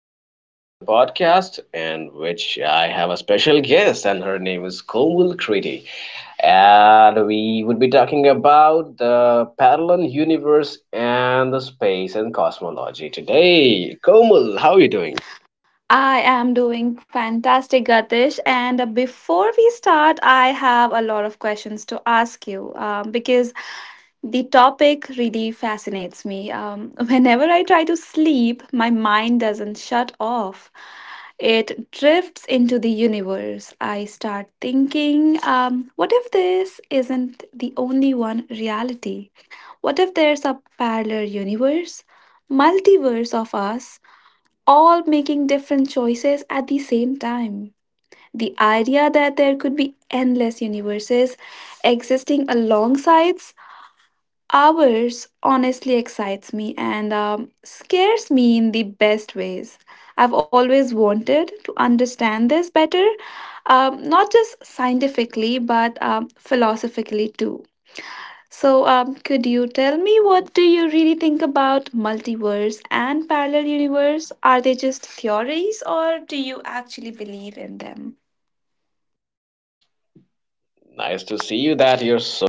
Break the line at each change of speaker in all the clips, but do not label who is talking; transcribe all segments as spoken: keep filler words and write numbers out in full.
and welcome back to the podcast, in which I have a special guest, and her name is Komal Kriti. And we would be talking about the parallel universe and the space and cosmology today. Komal, how are you doing?
I am doing fantastic, Gatish. And before we start, I have a lot of questions to ask you, um, because the topic really fascinates me. Um, whenever I try to sleep, my mind doesn't shut off. It drifts into the universe. I start thinking, um, what if this isn't the only one reality? What if there's a parallel universe, multiverse of us? All making different choices at the same time. The idea that there could be endless universes existing alongside ours honestly excites me and um, scares me in the best ways. I've always wanted to understand this better, um, not just scientifically, but um, philosophically too. So, um, could you tell me, what do you really think about multiverse and parallel universe? Are they just theories, or do you actually believe in them?
Nice to see you that you're so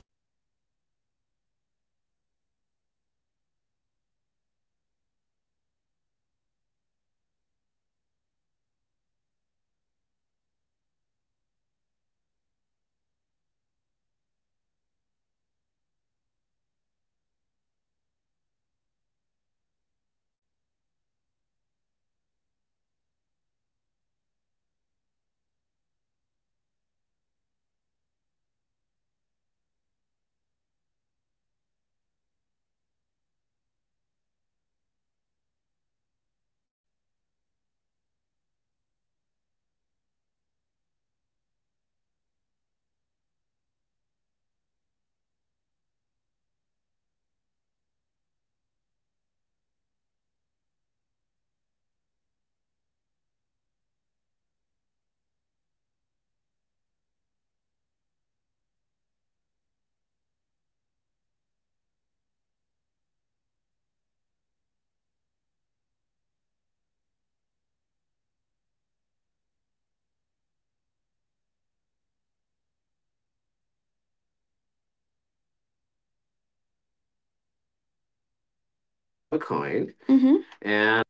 Have a coin. Mm-hmm. And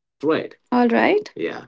that's right. All right. Yeah,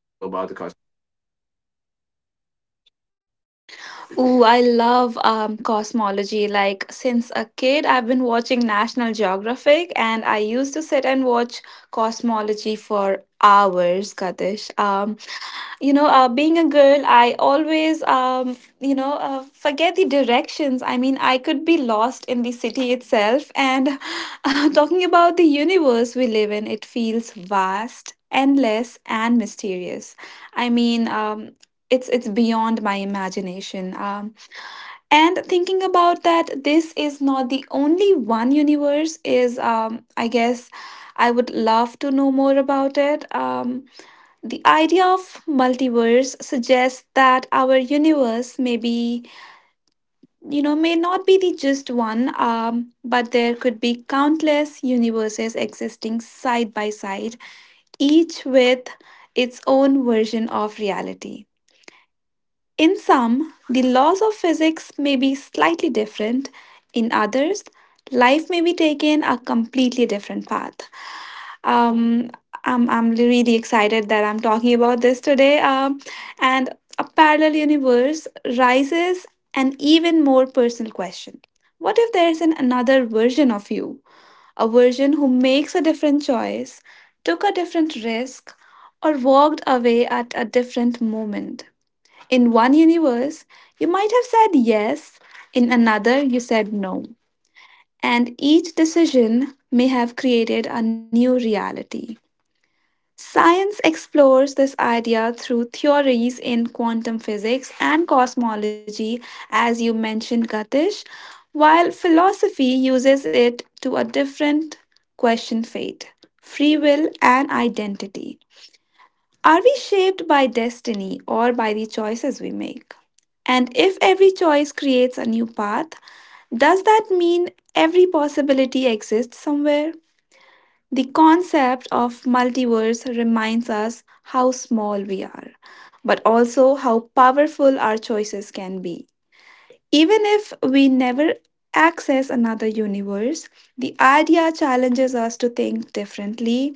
to know about the cosmos. Oh, I love um, cosmology. Like, since a kid, I've been watching National Geographic, and I used to sit and watch cosmology for hours, Kadish. Um. You know, uh, being a girl, I always, um, you know uh, forget the directions. I mean, I could be lost in the city itself. And uh, talking about the universe we live in, it feels vast, endless and mysterious. I mean, um, it's it's beyond my imagination. Um, and thinking about that this is not the only one universe is, um, I guess, I would love to know more about it. Um, the idea of multiverse suggests that our universe may be, you know, may not be the just one, um, but there could be countless universes existing side by side, each with its own version of reality. In some, the laws of physics may be slightly different. In others, life may be taken a completely different path. Um, I'm I'm really excited that I'm talking about this today. Um, and a parallel universe raises an even more personal question. What if there's an another version of you, a version who makes a different choice, took a different risk, or walked away at a different moment? In one universe, you might have said yes, in another, you said no. And each decision may have created a new reality. Science explores this idea through theories in quantum physics and cosmology, as you mentioned, Gatish, while philosophy uses it to a different question fate, free will, and identity. Are we shaped by destiny or by the choices we make? And if every choice creates a new path, does that mean every possibility exists somewhere? The concept of multiverse reminds us how small we are, but also how powerful our choices can be. Even if we never access another universe, the idea challenges us to think differently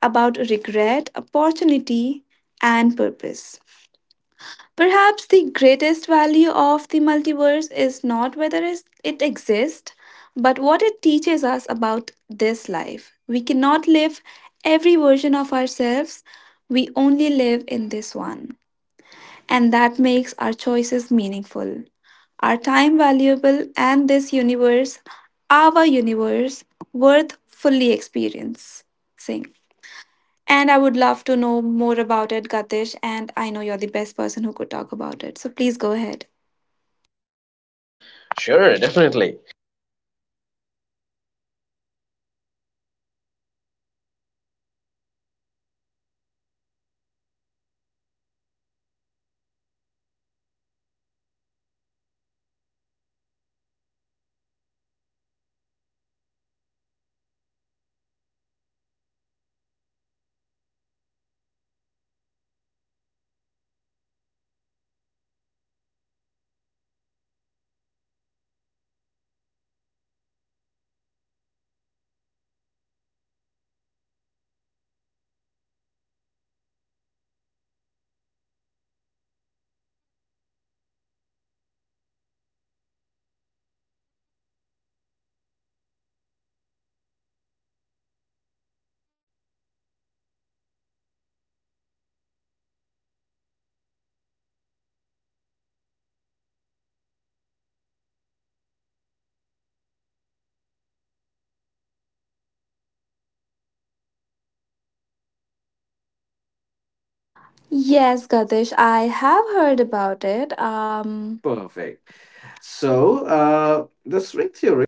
about regret, opportunity, and purpose. Perhaps the greatest value of the multiverse is not whether is- it exists, but what it teaches us about this life. We cannot live every version of ourselves, we only live in this one. And that makes our choices meaningful, our time valuable, and this universe, our universe, worth fully experiencing. And I would love to know more about it, Gatish. And I know you're the best person who could talk about it. So please go ahead.
sure, definitely.
Yes, Gatish, I have heard about it. Um, Perfect. So, uh, the string theory.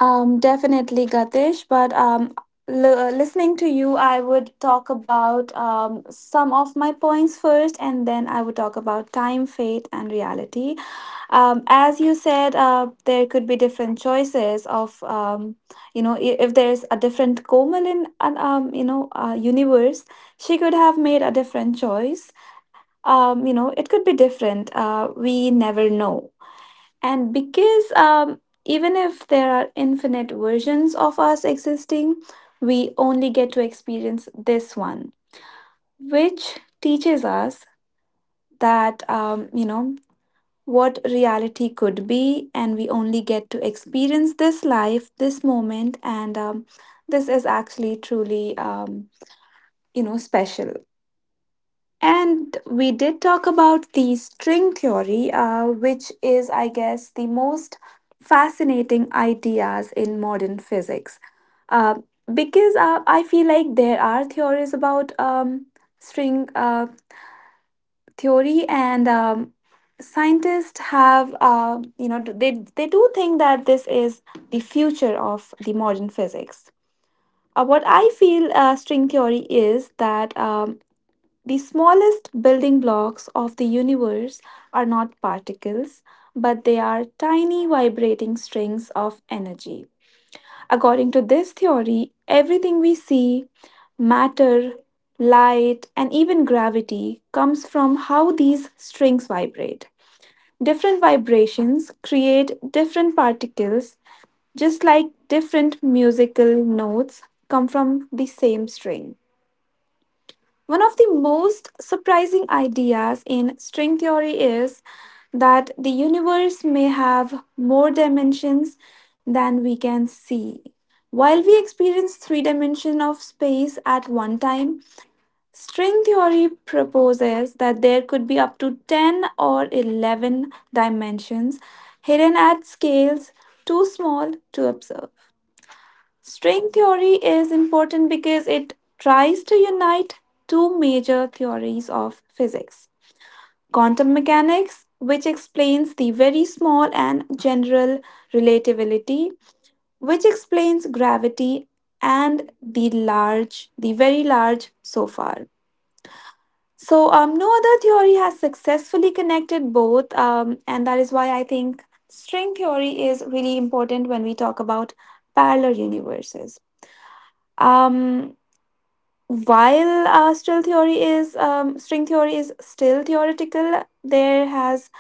Um, definitely, Gatish. But, um, l- uh, listening to you, I would talk about, um, some of my points first, and then I would talk about time, fate, and reality. Um, as you said, uh, there could be different choices of, um, you know i- if there's a different Komal in an, um, you know uh, universe, she could have made a different choice. um, you know it could be different. Uh, we never know. And because, um, even if there are infinite versions of us existing, we only get to experience this one, which teaches us that, um, you know what reality could be, and we only get to experience this life, this moment, and, um, this is actually truly, um, you know, special. And we did talk about the string theory, uh, which is, I guess, the most fascinating ideas in modern physics. Uh, because, uh, I feel like there are theories about, um, string uh, theory, and, um, scientists have, uh, you know they they do think that this is the future of the modern physics. Uh, what I feel, uh, string theory is that, um, the smallest building blocks of the universe are not particles, but they are tiny vibrating strings of energy. According to this theory, everything we see, matter, light, and even gravity, comes from how these strings vibrate. Different vibrations create different particles, just like different musical notes come from the same string. One of the most surprising ideas in string theory is that the universe may have more dimensions than we can see. While we experience three dimensions of space at one time, string theory proposes that there could be up to ten or eleven dimensions hidden at scales too small to observe. String theory is important because it tries to unite two major theories of physics: quantum mechanics, which explains the very small, and general relativity, which explains gravity, and the large, the very large so far. So, um, no other theory has successfully connected both, um, and that is why I think string theory is really important when we talk about parallel universes. Um, while uh, still theory is um, String theory is still theoretical. There has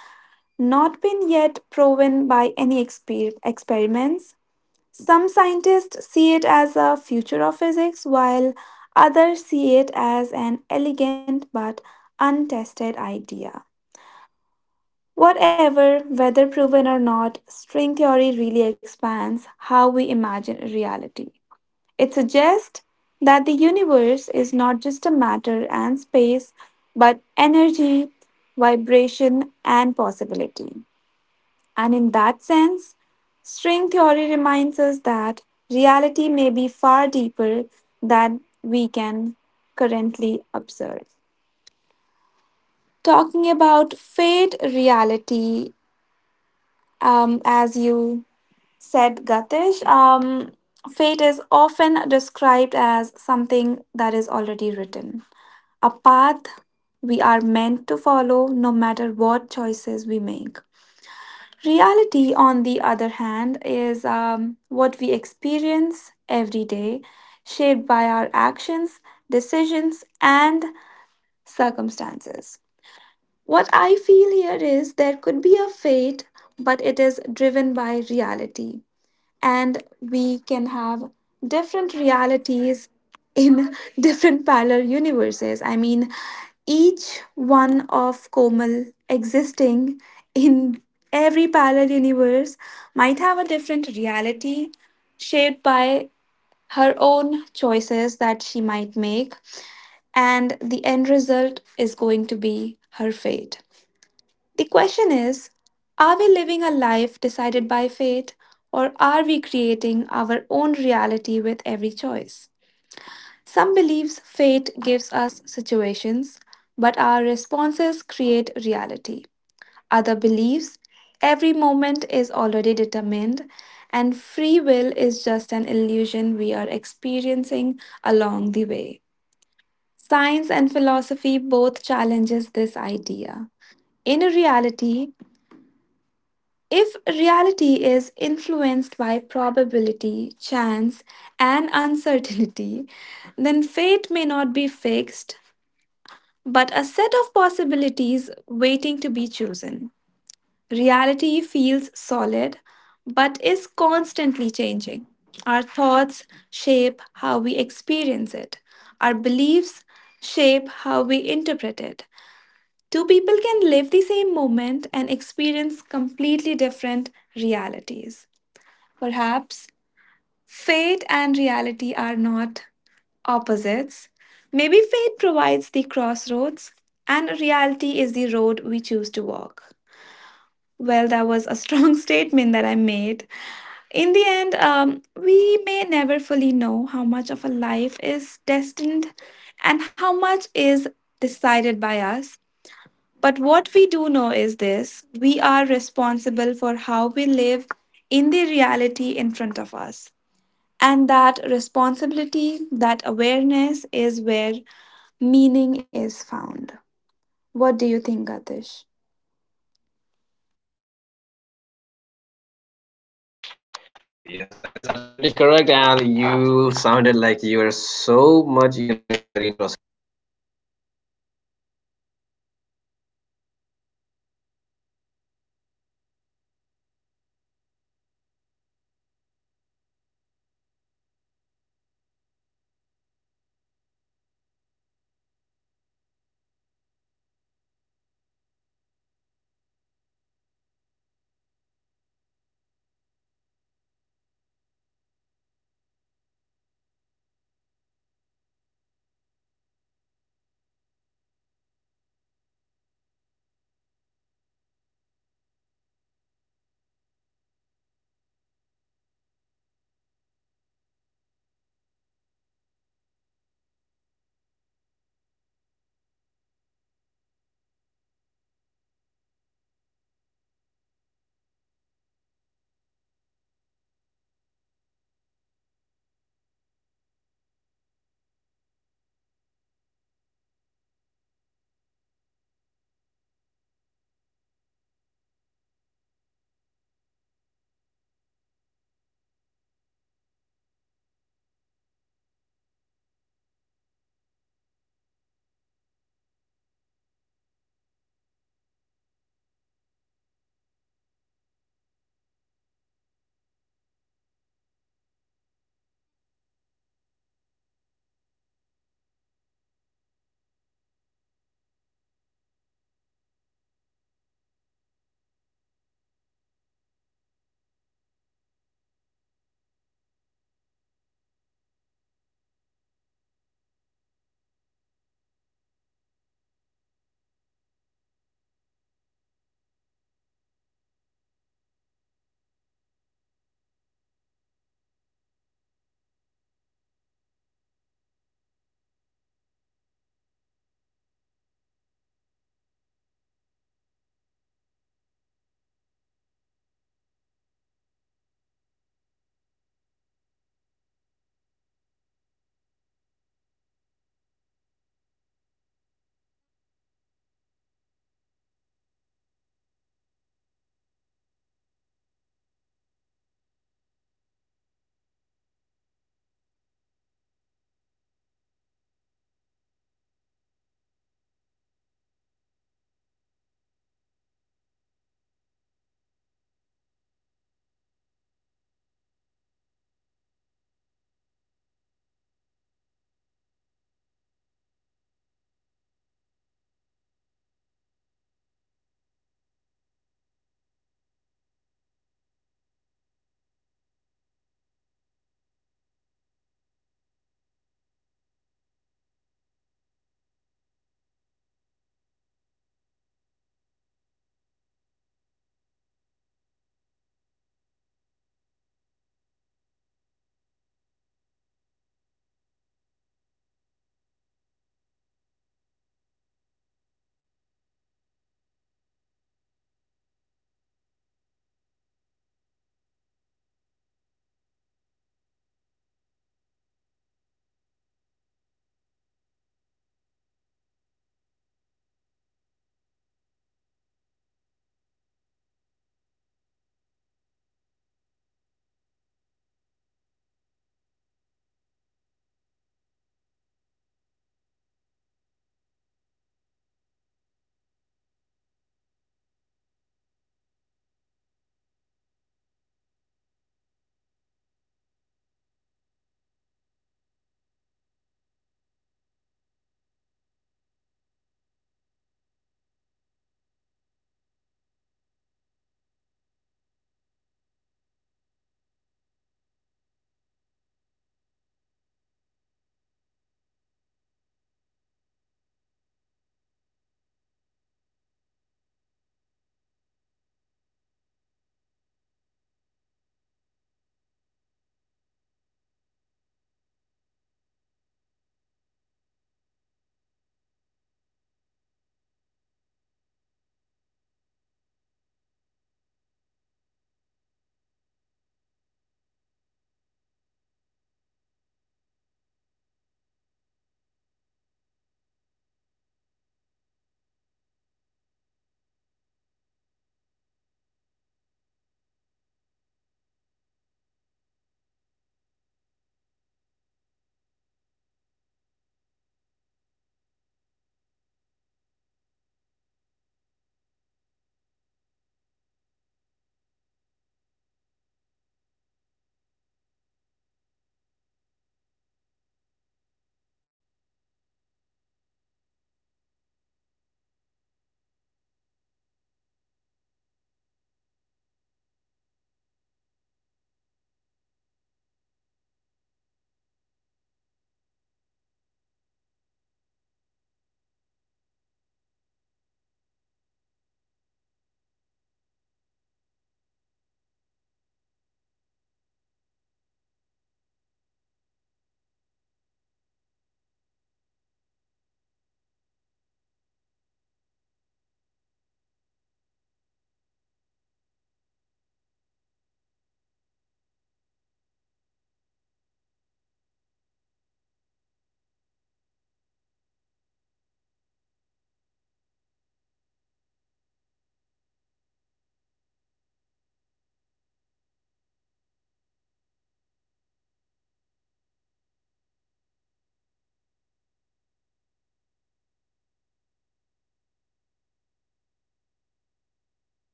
not been yet proven by any exper- experiments. Some scientists see it as a future of physics, while others see it as an elegant but untested idea. Whatever, whether proven or not, string theory really expands how we imagine reality. It suggests that the universe is not just a matter and space, but energy, vibration, and possibility. And in that sense, string theory reminds us that reality may be far deeper than we can currently observe. Talking about fate, reality, um, as you said, Gatish, um, fate is often described as something that is already written. A path we are meant to follow no matter what choices we make. Reality, on the other hand, is, um, what we experience every day, shaped by our actions, decisions, and circumstances. What I feel here is there could be a fate, but it is driven by reality, and we can have different realities in different parallel universes. I mean, each one of Komal existing in every parallel universe might have a different reality shaped by her own choices that she might make, and the end result is going to be her fate. The question is, are we living a life decided by fate, or are we creating our own reality with every choice? Some believes fate gives us situations, but our responses create reality. Other believes every moment is already determined, and free will is just an illusion we are experiencing along the way. Science and philosophy both challenges this idea. In reality, if reality is influenced by probability, chance, and uncertainty, then fate may not be fixed, but a set of possibilities waiting to be chosen. Reality feels solid, but is constantly changing. Our thoughts shape how we experience it, our beliefs shape how we interpret it. Two people can live the same moment and experience completely different realities. Perhaps fate and reality are not opposites. Maybe fate provides the crossroads and reality is the road we choose to walk. Well, that was a strong statement that I made. In the end, um, we may never fully know how much of a life is destined and how much is decided by us. But what we do know is this: we are responsible for how we live in the reality in front of us. And that responsibility, that awareness is where meaning is found. What do you think, Atish?
Yes, that is absolutely correct. And you sounded like you were so much, you know, in- very interested.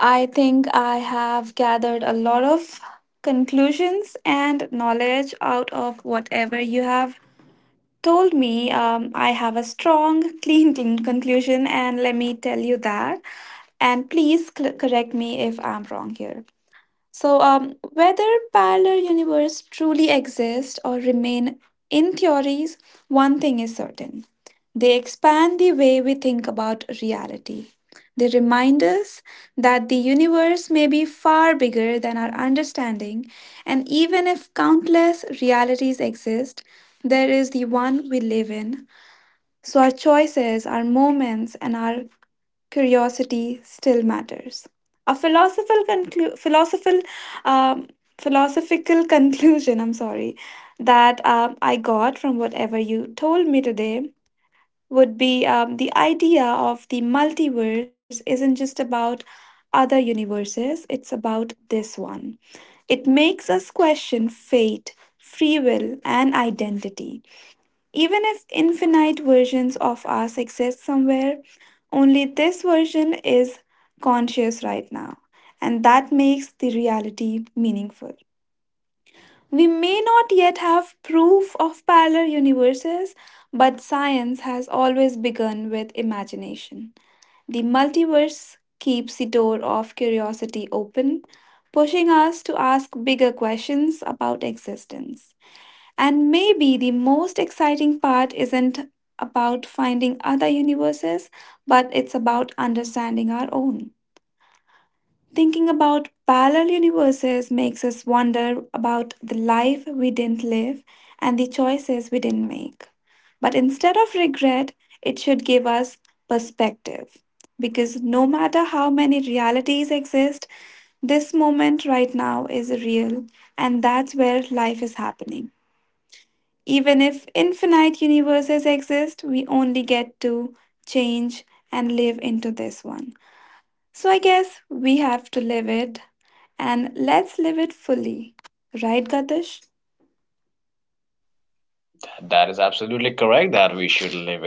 I think I have gathered a lot of conclusions and knowledge out of whatever you have told me. Um, I have a strong, clean, clean conclusion, and let me tell you that. And please cl- correct me if I'm wrong here. So, um, whether parallel universe truly exist or remain in theories, one thing is certain. They expand the way we think about reality. They remind us that the universe may be far bigger than our understanding, and even if countless realities exist, there is the one we live in. So, our choices, our moments, and our curiosity still matters. A philosophical conclu- philosophical um, philosophical conclusion. I'm sorry that, um, I got from whatever you told me today would be, um, the idea of the multiverse isn't just about other universes. It's about this one. It makes us question fate, free will, and identity. Even if infinite versions of us exist somewhere, only this version is conscious right now, and that makes the reality meaningful. We may not yet have proof of parallel universes, but science has always begun with imagination. The multiverse keeps the door of curiosity open, pushing us to ask bigger questions about existence. And maybe the most exciting part isn't about finding other universes, but it's about understanding our own. Thinking about parallel universes makes us wonder about the life we didn't live and the choices we didn't make. But instead of regret, it should give us perspective. Because no matter how many realities exist, this moment right now is real, and that's where life is happening. Even if infinite universes exist, we only get to change and live into this one. So I guess we have to live it, and let's live it fully. Right, Gatish?
That is absolutely correct that we should live.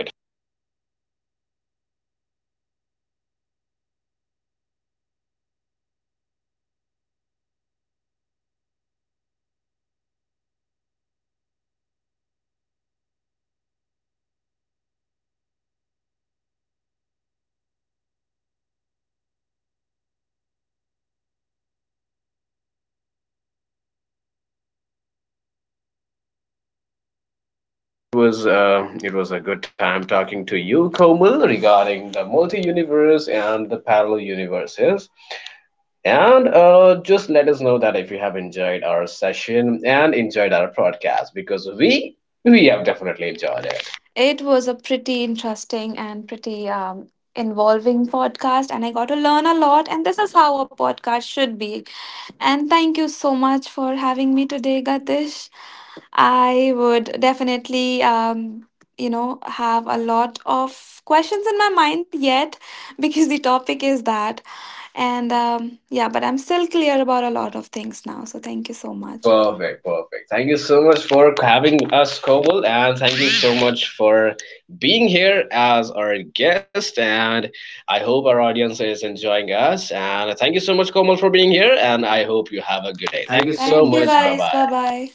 It was uh, it was a good time talking to you, Komal, regarding the multi-universe and the parallel universes. And uh, just let us know that if you have enjoyed our session and enjoyed our podcast, because we we have definitely
Got
enjoyed
it.
it.
It was a pretty interesting and pretty, um, involving podcast, and I got to learn a lot. And this is how a podcast should be. And thank you so much for having me today, Gatish. I would definitely, um, you know, have a lot of questions in my mind yet because the topic is that. And, um, yeah, but I'm still clear about a lot of things now. So thank you so much.
Perfect,
Perfect.
perfect. Thank you so much for having us, Komal, and thank you so much for being here as our guest. And I hope our audience is enjoying us. And thank you so much, Komal, for being here. And I hope you have a good
Good
day.
day.
Thank
Thank
you
you so. Thank
so
you much. Bye
much. Bye.
guys. Bye
Bye.
bye.